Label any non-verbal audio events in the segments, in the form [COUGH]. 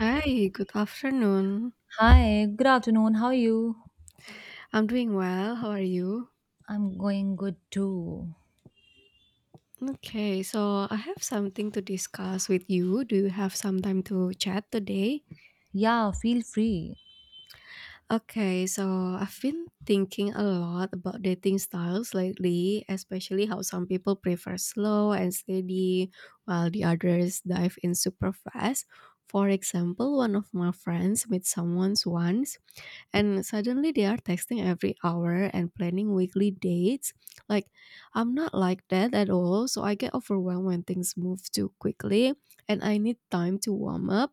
Hi, good afternoon. Hi, good afternoon. How are you? I'm doing well. How are you? I'm going good too. Okay, so I have something to discuss with you. Do you have some time to chat today? Yeah, feel free. Okay, so I've been thinking a lot about dating styles lately, especially how some people prefer slow and steady while the others dive in super fast. For example, one of my friends met someone once and suddenly they are texting every hour and planning weekly dates. Like, I'm not like that at all. So I get overwhelmed when things move too quickly and I need time to warm up.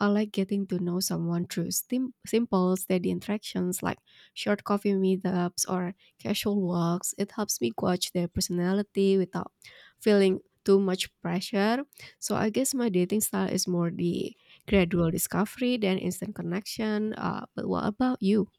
I like getting to know someone through simple, steady interactions like short coffee meetups or casual walks. It helps me gauge their personality without feeling too much pressure. So I guess my dating style is more the gradual discovery then instant connection. But what about you?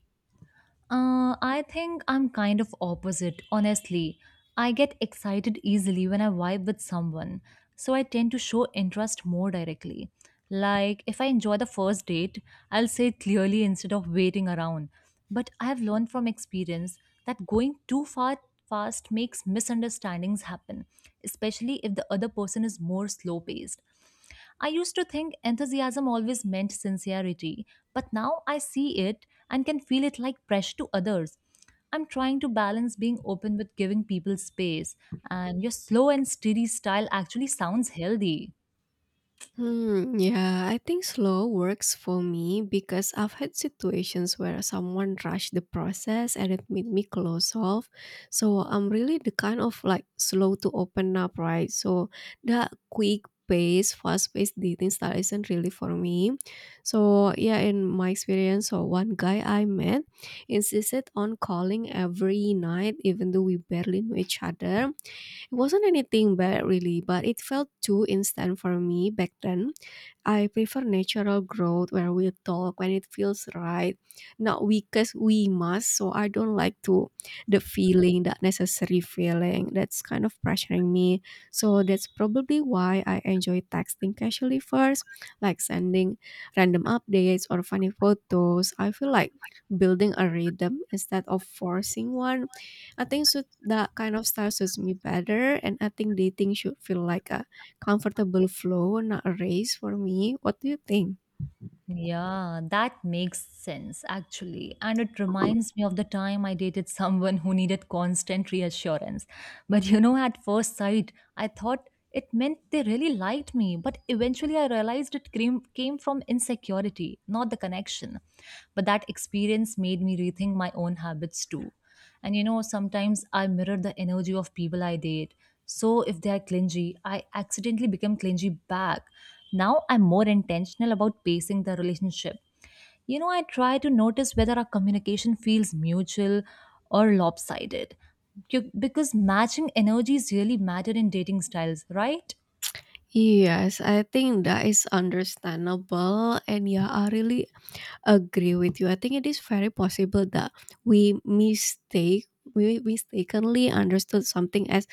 I think I'm kind of opposite, honestly. I get excited easily when I vibe with someone, so I tend to show interest more directly. Like, if I enjoy the first date, I'll say it clearly instead of waiting around. But I have learned from experience that going too far fast makes misunderstandings happen, especially if the other person is more slow paced. I used to think enthusiasm always meant sincerity, but now I see it and can feel it like pressure to others. I'm trying to balance being open with giving people space, and your slow and steady style actually sounds healthy. Hmm, yeah, I think slow works for me because I've had situations where someone rushed the process and it made me close off. So I'm really the kind of like slow to open up, right? So that quick pace, fast paced dating style isn't really for me. So yeah, in my experience, so one guy I met insisted on calling every night, even though we barely knew each other. It wasn't anything bad really, but it felt too instant for me back then. I prefer natural growth where we talk when it feels right, not because we must. So I don't like to the feeling, that necessary feeling that's kind of pressuring me. So that's probably why I enjoy texting casually first, like sending random updates or funny photos. I feel like building a rhythm instead of forcing one. I think so that kind of style suits me better, and I think dating should feel like a comfortable flow, not a race for me. What do you think? Yeah, that makes sense actually. And it reminds me of the time I dated someone who needed constant reassurance. But you know, at first sight, I thought it meant they really liked me. But eventually, I realized it came from insecurity, not the connection. But that experience made me rethink my own habits too. And you know, sometimes I mirror the energy of people I date. So if they are clingy, I accidentally become clingy back. Now I'm more intentional about pacing the relationship. You know, I try to notice whether our communication feels mutual or lopsided. Because matching energies really matter in dating styles, right? Yes, I think that is understandable. And yeah, I really agree with you. I think it is very possible that we mistake we mistakenly understood something as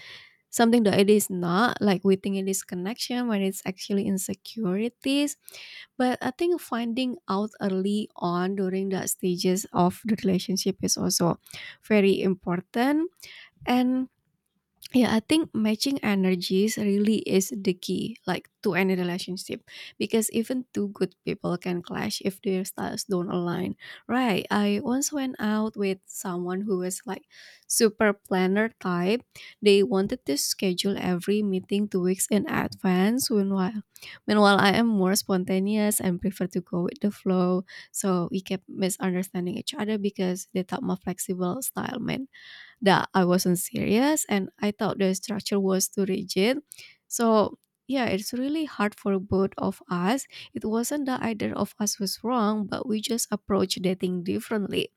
something that it is not, like we think it is connection when it's actually insecurities, but I think finding out early on during the stages of the relationship is also very important. And yeah, I think matching energies really is the key, like to any relationship, because even two good people can clash if their styles don't align. Right. I once went out with someone who was like super planner type. They wanted to schedule every meeting 2 weeks in advance. Meanwhile, I am more spontaneous and prefer to go with the flow. So we kept misunderstanding each other because they thought my flexible style meant that I wasn't serious and I thought the structure was too rigid. So, yeah, it's really hard for both of us. It wasn't that either of us was wrong, but we just approached dating differently.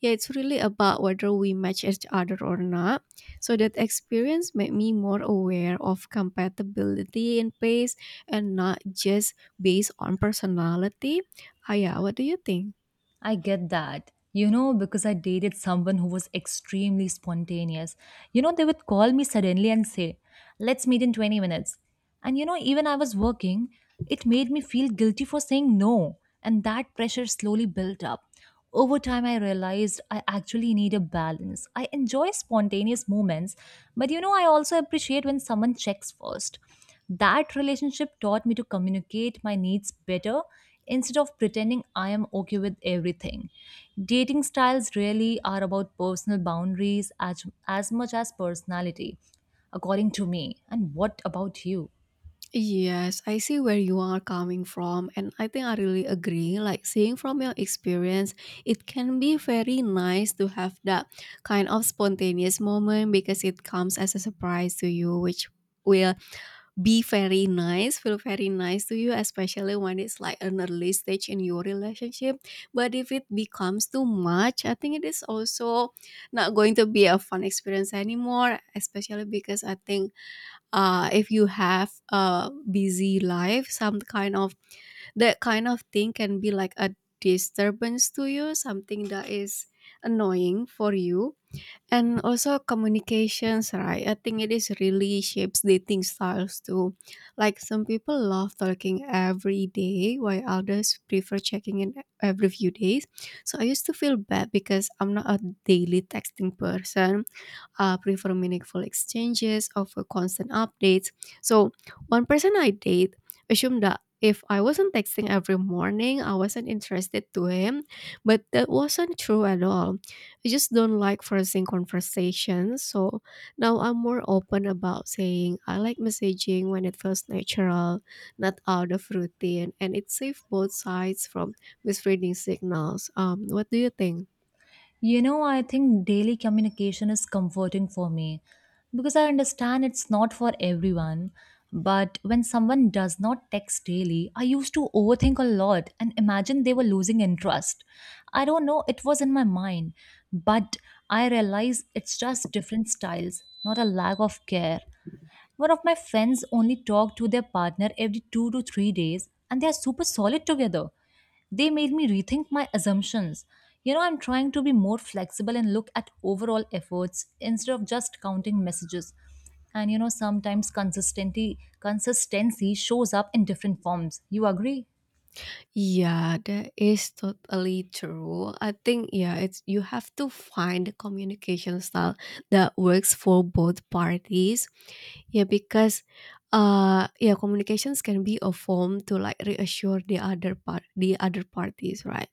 Yeah, it's really about whether we match each other or not. So, that experience made me more aware of compatibility and pace and not just based on personality. Ah, yeah, what do you think? I get that. You know, because I dated someone who was extremely spontaneous. You know, they would call me suddenly and say, let's meet in 20 minutes. And you know, even I was working, it made me feel guilty for saying no. And that pressure slowly built up. Over time, I realized I actually need a balance. I enjoy spontaneous moments, but you know, I also appreciate when someone checks first. That relationship taught me to communicate my needs better instead of pretending I am okay with everything. Dating styles really are about personal boundaries as much as personality, according to me. And what about you? Yes, I see where you are coming from, and I think I really agree. Like seeing from your experience, it can be very nice to have that kind of spontaneous moment because it comes as a surprise to you, which will be very nice, feel very nice to you, especially when it's like an early stage in your relationship. But if it becomes too much, I think it is also not going to be a fun experience anymore, especially because I think if you have a busy life, some kind of that kind of thing can be like a disturbance to you, something that is annoying for you. And also communications, right? I think it is really shapes dating styles too, like some people love talking every day while others prefer checking in every few days. So I used to feel bad because I'm not a daily texting person, prefer meaningful exchanges over constant updates. So, one person I date assumed that if I wasn't texting every morning, I wasn't interested to him, but that wasn't true at all. I just don't like forcing conversations, so now I'm more open about saying I like messaging when it feels natural, not out of routine, and it saves both sides from misreading signals. What do you think? You know, I think daily communication is comforting for me because I understand it's not for everyone. But when someone does not text daily, I used to overthink a lot and imagine they were losing interest. I don't know, it was in my mind, but I realize it's just different styles, not a lack of care. One of my friends only talk to their partner every 2 to 3 days, and they are super solid together. They made me rethink my assumptions. You know, I'm trying to be more flexible and look at overall efforts instead of just counting messages. And you know, sometimes consistency shows up in different forms. You agree? Yeah, that is totally true. I think yeah, it's you have to find the communication style that works for both parties. Yeah, because yeah, communications can be a form to like reassure the other parties, right?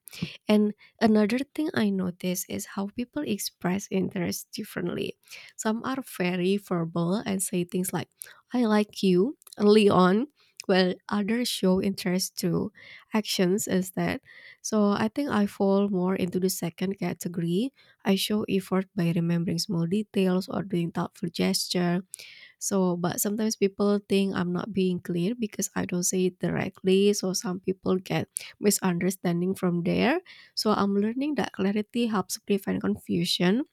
And another thing I notice is how people express interest differently. Some are very verbal and say things like, I like you early on, while others show interest through actions instead. So I think I fall more into the second category. I show effort by remembering small details or doing thoughtful gesture. So, but sometimes people think I'm not being clear because I don't say it directly. So, some people get misunderstanding from there. So, I'm learning that clarity helps prevent confusion,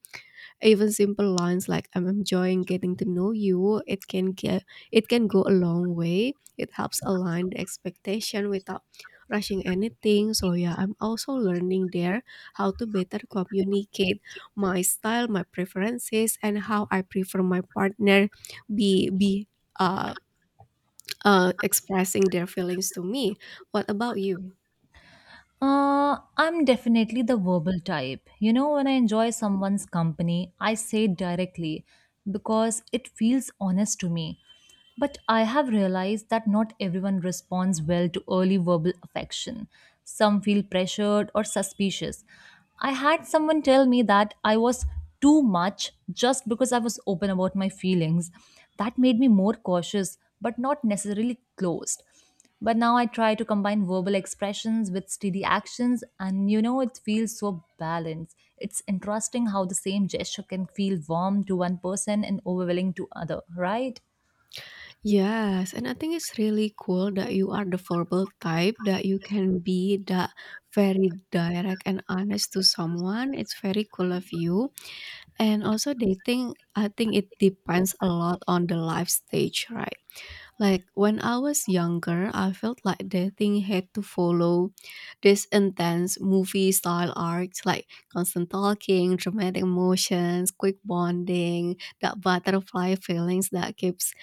even simple lines like "I'm enjoying getting to know you," it can get it can go a long way. It helps align the expectation without rushing anything. So yeah, I'm also learning there how to better communicate my style, my preferences, and how I prefer my partner be be uh, uh expressing their feelings to me. What about you? I'm definitely the verbal type. You know, when I enjoy someone's company, I say it directly because it feels honest to me. But I have realized that not everyone responds well to early verbal affection. Some feel pressured or suspicious. I had someone tell me that I was too much just because I was open about my feelings. That made me more cautious, but not necessarily closed. But now I try to combine verbal expressions with steady actions, and you know, it feels so balanced. It's interesting how the same gesture can feel warm to one person and overwhelming to other, right? Yes, and I think it's really cool that you are the verbal type, that you can be that very direct and honest to someone. It's very cool of you. And also dating, I think it depends a lot on the life stage, right? Like when I was younger, I felt like dating had to follow this intense movie style arcs, like constant talking, dramatic emotions, quick bonding, that butterfly feelings that keeps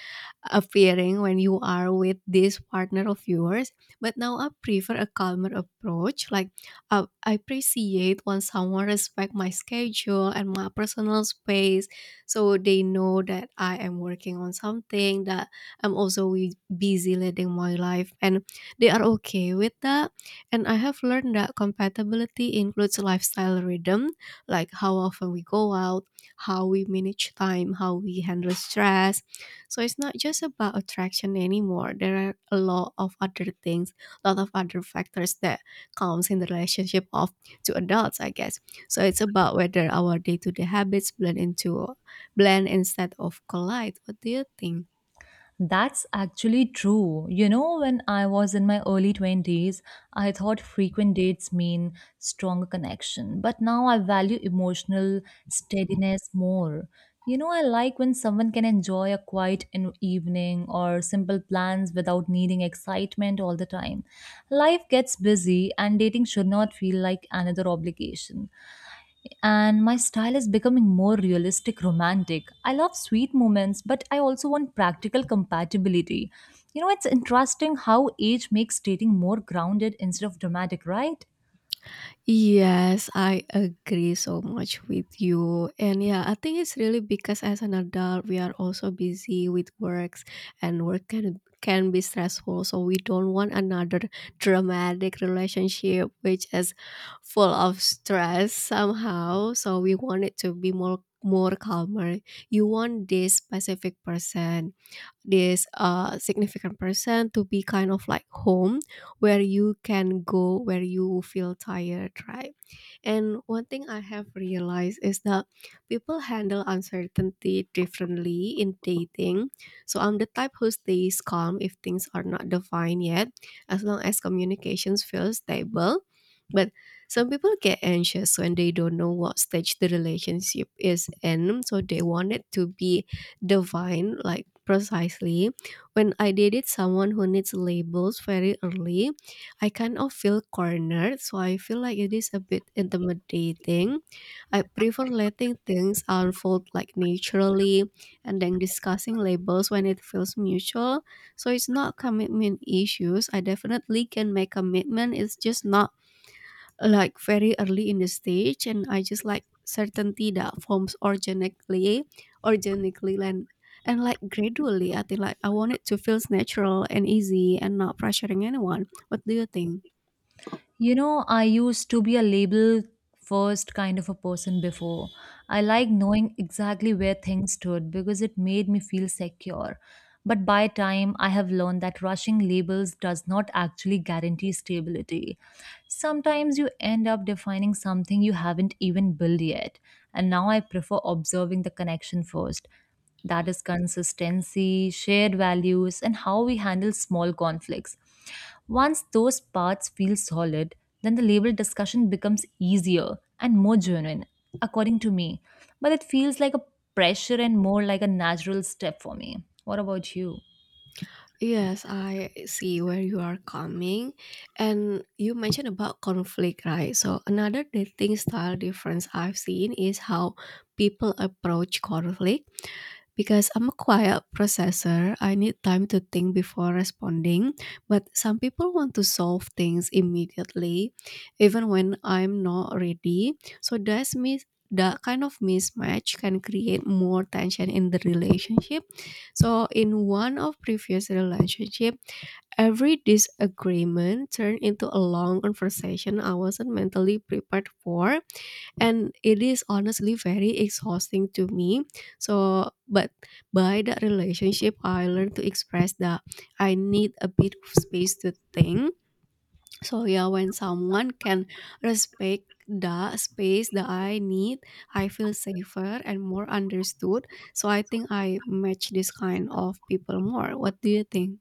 appearing when you are with this partner of yours. But now I prefer a calmer approach. Like I appreciate when someone respects my schedule and my personal space, so they know that I am working on something, that I'm also busy leading my life, and they are okay with that. And I have learned that compatibility includes lifestyle rhythm, like how often we go out, how we manage time, how we handle stress, so it's not just about attraction anymore. There are a lot of other things, a lot of other factors that comes in the relationship of two adults, I guess. So it's about whether our day-to-day habits blend instead of collide. What do you think? That's actually true. You know, when I was in my early 20s, I thought frequent dates mean stronger connection, but now I value emotional steadiness more. You know, I like when someone can enjoy a quiet evening or simple plans without needing excitement all the time. Life gets busy, and dating should not feel like another obligation and my style is becoming more realistic romantic. I love sweet moments, but I also want practical compatibility. You know, it's interesting how age makes dating more grounded instead of dramatic, right? Yes, I agree so much with you. And yeah, I think it's really because as an adult, we are also busy with works, and work can be stressful. So we don't want another dramatic relationship which is full of stress somehow. So we want it to be more, calmer. You want this specific person, this significant person to be kind of like home where you can go where you feel tired, right? And one thing I have realized is that people handle uncertainty differently in dating. So I'm the type who stays calm if things are not defined yet, as long as communications feel stable, but some people get anxious when they don't know what stage the relationship is in, so they want it to be divine, like precisely. When I dated someone who needs labels very early, I kind of feel cornered, so I feel like it is a bit intimidating. I prefer letting things unfold like naturally and then discussing labels when it feels mutual. So it's not commitment issues, I definitely can make commitment, it's just not like very early in the stage, and I just like certainty that forms organically and like gradually. I think like I want it to feels natural and easy and not pressuring anyone. What do you think? You know, I used to be a label first kind of a person before. I like knowing exactly where things stood because it made me feel secure. But by time, I have learned that rushing labels does not actually guarantee stability. Sometimes you end up defining something you haven't even built yet. And now I prefer observing the connection first, that is consistency, shared values, and how we handle small conflicts. Once those parts feel solid, then the label discussion becomes easier and more genuine, according to me. But it feels like a pressure and more like a natural step for me. What about you? Yes, I see where you are coming. And you mentioned about conflict, right? So, another dating style difference I've seen is how people approach conflict. Because I'm a quiet processor, I need time to think before responding. But some people want to solve things immediately, even when I'm not ready. So that's me. That kind of mismatch can create more tension in the relationship. So in one of previous relationship, every disagreement turned into a long conversation I wasn't mentally prepared for, and it is honestly very exhausting to me. So but by that relationship I learned to express that I need a bit of space to think. So yeah, when someone can respect the space that I need, I feel safer and more understood. So I think I match this kind of people more. What do you think?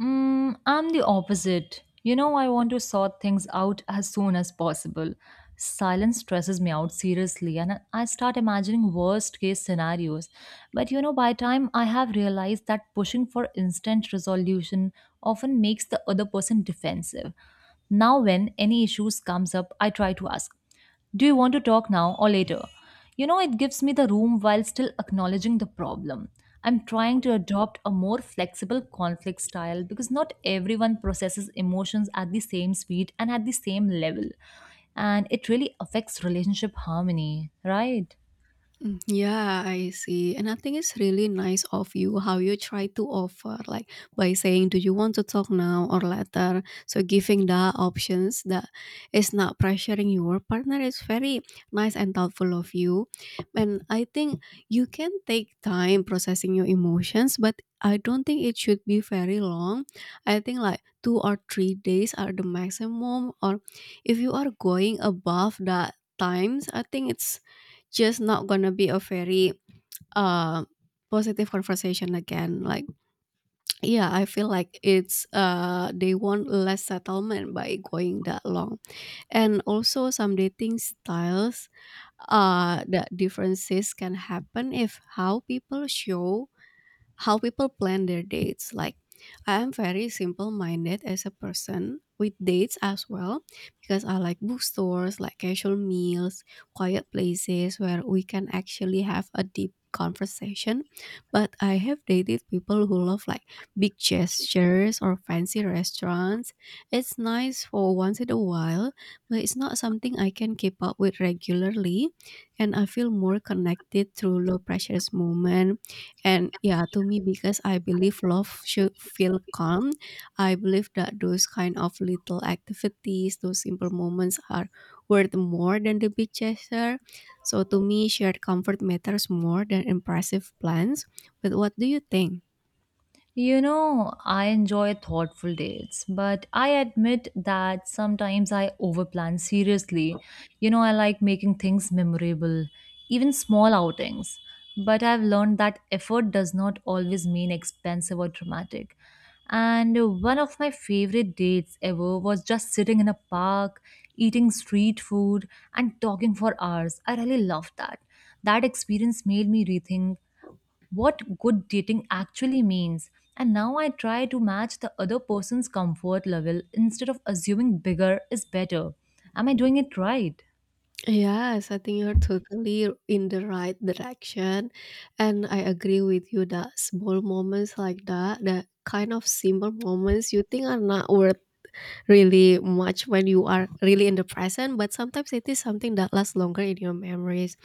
Mm, I'm the opposite. You know, I want to sort things out as soon as possible. Silence stresses me out seriously, and I start imagining worst case scenarios. But you know, by time I have realized that pushing for instant resolution often makes the other person defensive. Now, when any issues comes up, I try to ask. Do you want to talk now or later? You know, it gives me the room while still acknowledging the problem. I'm trying to adopt a more flexible conflict style because not everyone processes emotions at the same speed and at the same level. And it really affects relationship harmony, right? Mm, yeah, I see. And I think it's really nice of you how you try to offer, like by saying, do you want to talk now or later? So, giving the options that is not pressuring your partner is very nice and thoughtful of you. And I think you can take time processing your emotions, but I don't think it should be very long. I think like 2 or 3 days are the maximum, or if you are going above that times I think it's just not gonna be a very, uh, positive conversation again. Like, [TSK] yeah, I feel like it's, they want less settlement by going that long. And also some dating styles, that differences can happen if how people show how people plan their dates. Like, I am very simple minded as a person with dates as well because I like bookstores, like casual meals, quiet places where we can actually have a deep conversation. But I have dated people who love like big gestures or fancy restaurants. It's nice for once in a while, but it's not something I can keep up with regularly. And I feel more connected through low pressures moment. And yeah, to me, because I believe love should feel calm, I believe that those kind of little activities, those simple moments are worth more than the big gesture. So to me, shared comfort matters more than impressive plans. But what do you think? You know, I enjoy thoughtful dates, but I admit that sometimes I overplan seriously. You know, I like making things memorable, even small outings. But I've learned that effort does not always mean expensive or dramatic. And one of my favorite dates ever was just sitting in a park, eating street food, and talking for hours. I really loved that. That experience made me rethink what good dating actually means. And now I try to match the other person's comfort level instead of assuming bigger is better. Am I doing it right? Yes, I think you're totally in the right direction. And I agree with you that small moments like that, the kind of simple moments you think are not worth really much when you are really in the present, but sometimes it is something that lasts longer in your memories.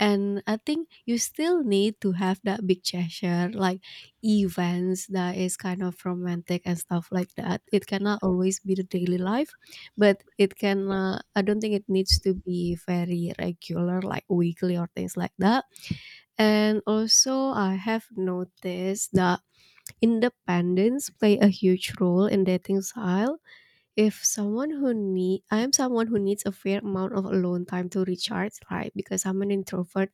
And I think you still need to have that big gesture, like events that is kind of romantic and stuff like that. It cannot always be the daily life, but it can, I don't think it needs to be very regular, like weekly or things like that. And also, I have noticed that independence play a huge role in dating style if someone who need I am someone who needs a fair amount of alone time to recharge, right? Because I'm an introvert.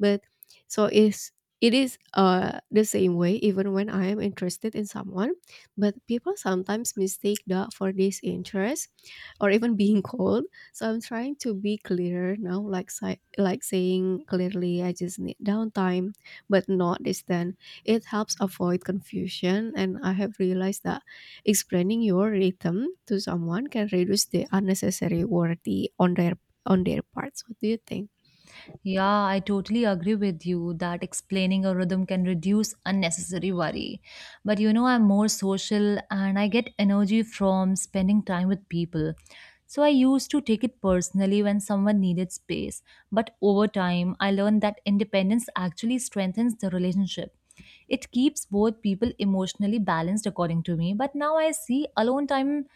But so is it is the same way even when I am interested in someone. But people sometimes mistake that for disinterest or even being [LAUGHS] cold. So I'm trying to be clearer now, like like saying clearly I just need downtime, but not this then. It helps avoid confusion and I have realized that explaining your rhythm to someone can reduce the unnecessary worry on their parts. What do you think? Yeah, I totally agree with you that explaining a rhythm can reduce unnecessary worry. But you know, I'm more social and I get energy from spending time with people. So I used to take it personally when someone needed space. But over time, I learned that independence actually strengthens the relationship. It keeps both people emotionally balanced, according to me. But now I see alone time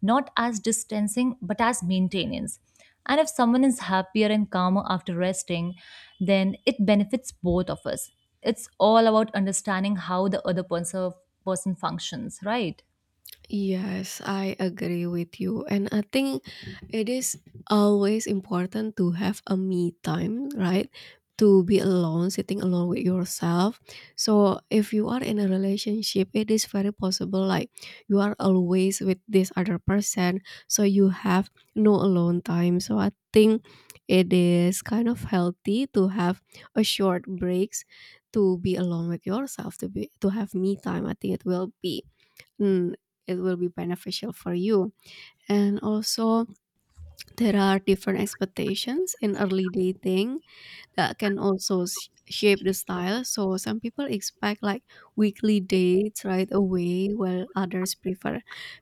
not as distancing but as maintenance. And if someone is happier and calmer after resting, then it benefits both of us. It's all about understanding how the other person functions, right? Yes, I agree with you. And I think it is always important to have a me time, right? To be alone, sitting alone with yourself. So if you are in a relationship, it is very possible like you are always with this other person. So you have no alone time. So I think it is kind of healthy to have a short breaks to be alone with yourself, to have me time. I think it will be mm, it will be beneficial for you. And also, there are different expectations in early dating that can also shape the style. So, some people expect like weekly dates right away, while others prefer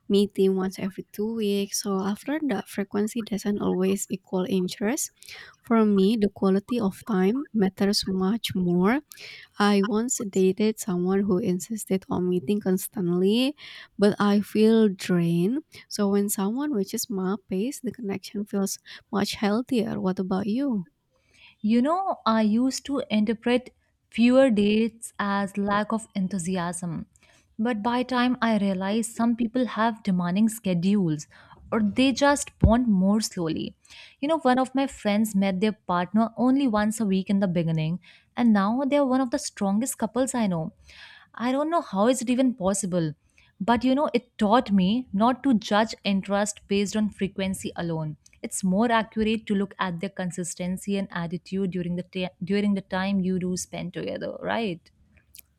meeting once every 2 weeks. So, after that, frequency doesn't always equal interest. For me, the quality of time matters much more. I once dated someone who insisted on meeting constantly, but I feel drained. So when someone reaches my pace, the connection feels much healthier. What about you? You know, I used to interpret fewer dates as lack of enthusiasm. But by time I realized some people have demanding schedules or they just bond more slowly. You know, one of my friends met their partner only once a week in the beginning and now they're one of the strongest couples I know. I don't know how is it even possible. But you know, it taught me not to judge interest based on frequency alone. It's more accurate to look at their consistency and attitude during the during the time you do spend together, right?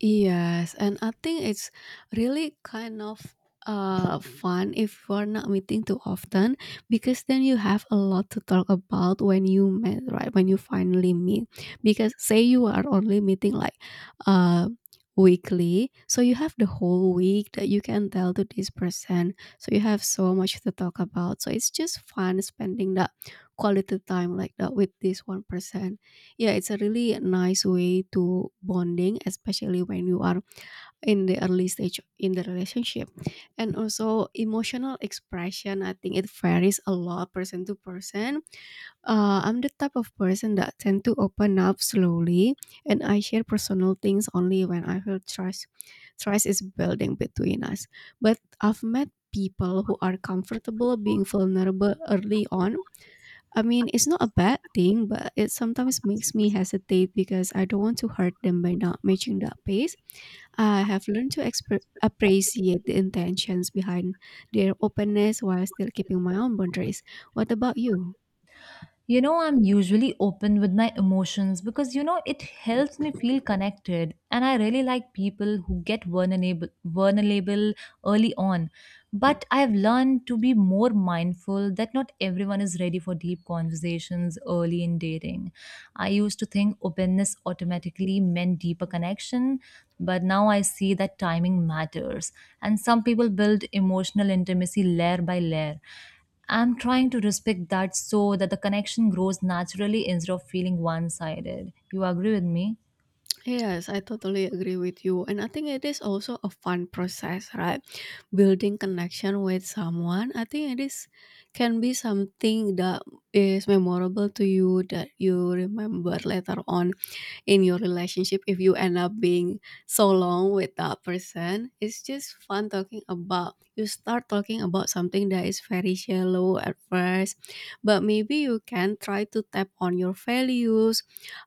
Yes, and I think it's really kind of fun if we're not meeting too often because then you have a lot to talk about when you met, right? When you finally meet. Because say you are only meeting like uh weekly, so you have the whole week that you can tell to this person. So you have so much to talk about. So it's just fun spending that quality time like that with this one person. Yeah, it's a really nice way to bonding, especially when you are in the early stage in the relationship. And also emotional expression, I think it varies a lot person to person. I'm the type of person that tend to open up slowly, and I share personal things only when I feel trust. Trust is building between us. But I've met people who are comfortable being vulnerable early on. I mean, it's not a bad thing, but it sometimes makes me hesitate because I don't want to hurt them by not matching that pace. I have learned to appreciate the intentions behind their openness while still keeping my own boundaries. What about you? You know, I'm usually open with my emotions because you know it helps me feel connected, and I really like people who get vulnerable early on. But I've learned to be more mindful that not everyone is ready for deep conversations early in dating. I used to think openness automatically meant deeper connection, but now I see that timing matters, and some people build emotional intimacy layer by layer. I'm trying to respect that so that the connection grows naturally instead of feeling one sided. You agree with me? Yes, I totally agree with you. And I think it is also a fun process, right? Building connection with someone. I think it is can be something that is memorable to you that you remember later on in your relationship if you end up being so long with that person. It's just fun talking about you start talking about something that is very shallow at first, but maybe you can try to tap on your values,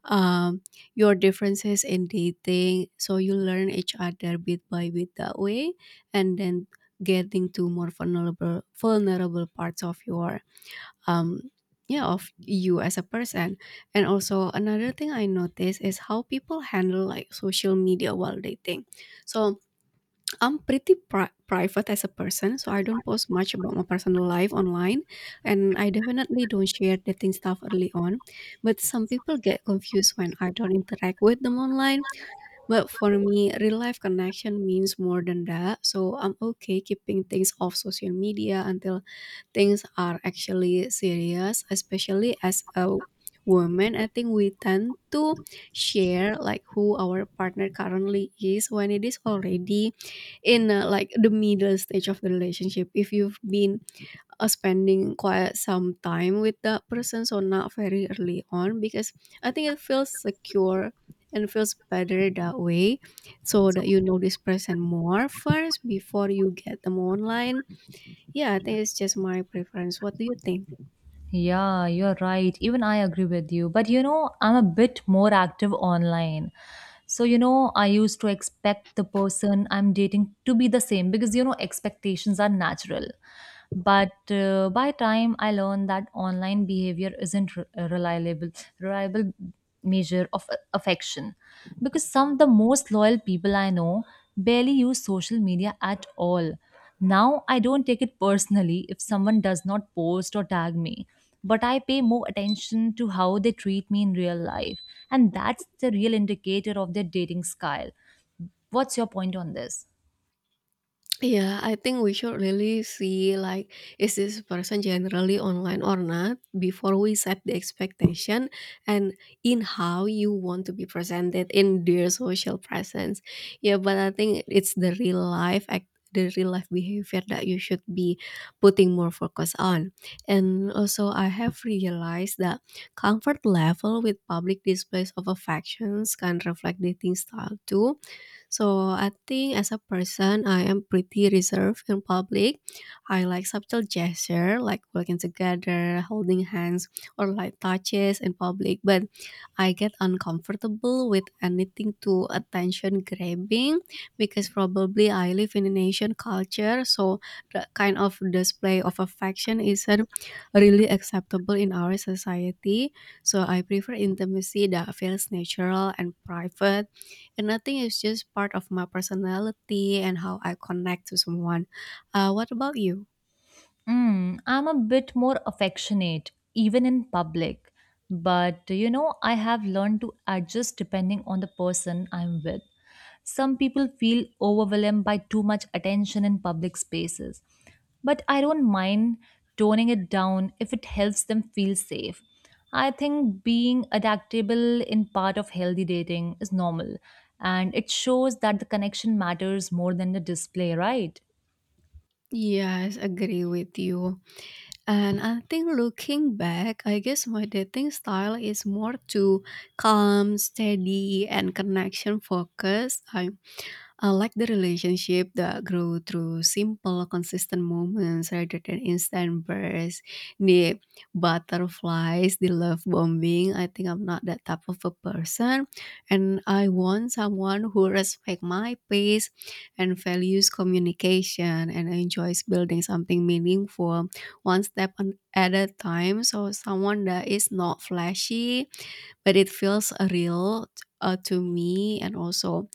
um, your differences in dating so you learn each other bit by bit that way, and then getting to more vulnerable parts of your, um, yeah, of you as a person. And also another thing I notice is how people handle like social media while dating. So I'm pretty private as a person, so I don't post much about my personal life online, and I definitely don't share dating stuff early on. But some people get confused when I don't interact with them online, but for me real life connection means more than that, so I'm okay keeping things off social media until things are actually serious, especially as a woman. I think we tend to share like who our partner currently is when it is already in like the middle stage of the relationship. If you've been spending quite some time with that person, so not very early on, because I think it feels secure and feels better that way so that you know this person more first before you get them online. Yeah, I think it's just my preference. What do you think? Yeah, you're right. Even I agree with you. But you know, I'm a bit more active online. So, you know, I used to expect the person I'm dating to be the same because, you know, expectations are natural. But by time I learned that online behavior isn't a reliable measure of affection because some of the most loyal people I know barely use social media at all. Now I don't take it personally if someone does not post or tag me, but I pay more attention to how they treat me in real life. And that's the real indicator of their dating style. What's your point on this? Yeah, I think we should really see like is this person generally online or not before we set the expectation and in how you want to be presented in their social presence. Yeah, but I think it's the real life behavior that you should be putting more focus on. And also I have realized that comfort level with public displays of affections can reflect dating style too. So I think as a person, I am pretty reserved in public. I like subtle gesture like working together, holding hands, or light touches in public. But I get uncomfortable with anything too attention grabbing because probably I live in an Asian culture, so the kind of display of affection isn't really acceptable in our society. So I prefer intimacy that feels natural and private, and I think it's just part of my personality and how I connect to someone. What about you? Mm, I'm a bit more affectionate, even in public. But you know, I have learned to adjust depending on the person I'm with. Some people feel overwhelmed by too much attention in public spaces, but I don't mind toning it down if it helps them feel safe. I think being adaptable in part of healthy dating is normal, and it shows that the connection matters more than the display, right? Yes, agree with you. And I think looking back, I guess my dating style is more to calm, steady, and connection focused. I like the relationship that grow through simple, consistent moments rather than instant bursts. The butterflies, the love bombing. I think I'm not that type of a person, and I want someone who respects my pace and values communication and enjoys building something meaningful one step at a time. So someone that is not flashy, but it feels real, to me. And also,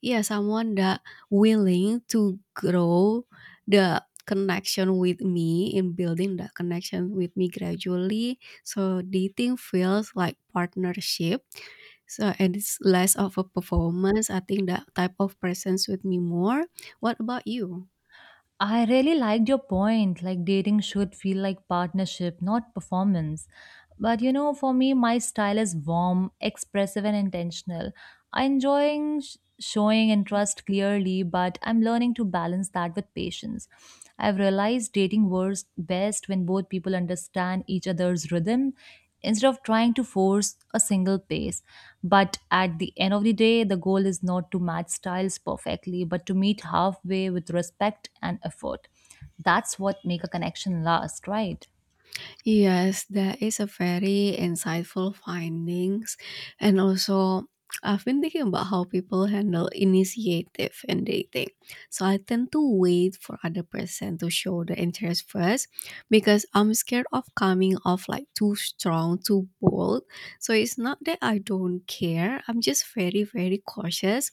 yeah, someone that willing to grow the connection with me in building that connection with me gradually. So dating feels like partnership. So and it's less of a performance. I think that type of person suit me more. What about you? I really liked your point, like dating should feel like partnership, not performance. But you know, for me, my style is warm, expressive, and intentional. I enjoying showing interest clearly, but I'm learning to balance that with patience. I've realized dating works best when both people understand each other's rhythm instead of trying to force a single pace. But at the end of the day, the goal is not to match styles perfectly, but to meet halfway with respect and effort. That's what make a connection last, right? Yes, that is a very insightful findings. And also, I've been thinking about how people handle initiative in dating. So I tend to wait for other person to show the interest first because I'm scared of coming off like too strong, too bold. So it's not that I don't care. I'm just very, very cautious.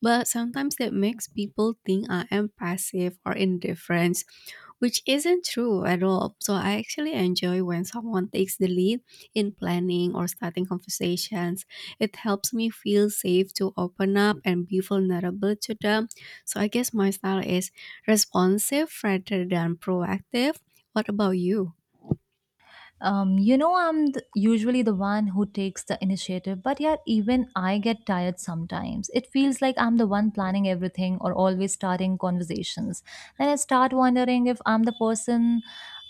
But sometimes that makes people think I am passive or indifferent, which isn't true at all. So I actually enjoy when someone takes the lead in planning or starting conversations. It helps me feel safe to open up and be vulnerable to them. So I guess my style is responsive rather than proactive. What about you? You know, I'm usually the one who takes the initiative, but yet even I get tired sometimes. It feels like I'm the one planning everything or always starting conversations. Then I start wondering if I'm the person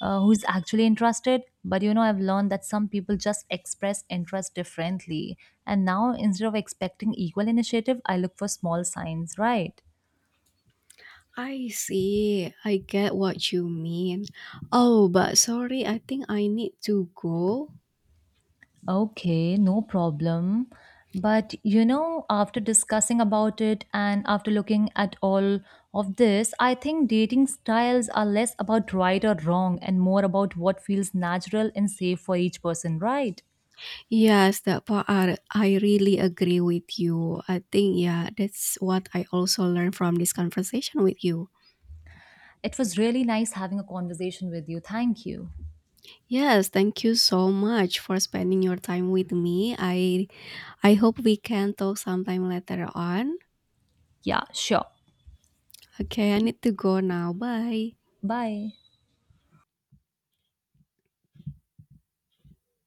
who's actually interested. But you know, I've learned that some people just express interest differently. And now, instead of expecting equal initiative, I look for small signs, right? I see. I get what you mean. Oh, but sorry, I think I need to go. Okay, no problem. But you know, after discussing about it and after looking at all of this, I think dating styles are less about right or wrong and more about what feels natural and safe for each person, right? Yes, that part are, I really agree with you. I think, yeah, that's what I also learned from this conversation with you. It was really nice having a conversation with you. Thank you. Yes, thank you so much for spending your time with me. I hope we can talk sometime later on. Yeah, sure. Okay, I need to go now. Bye. Bye.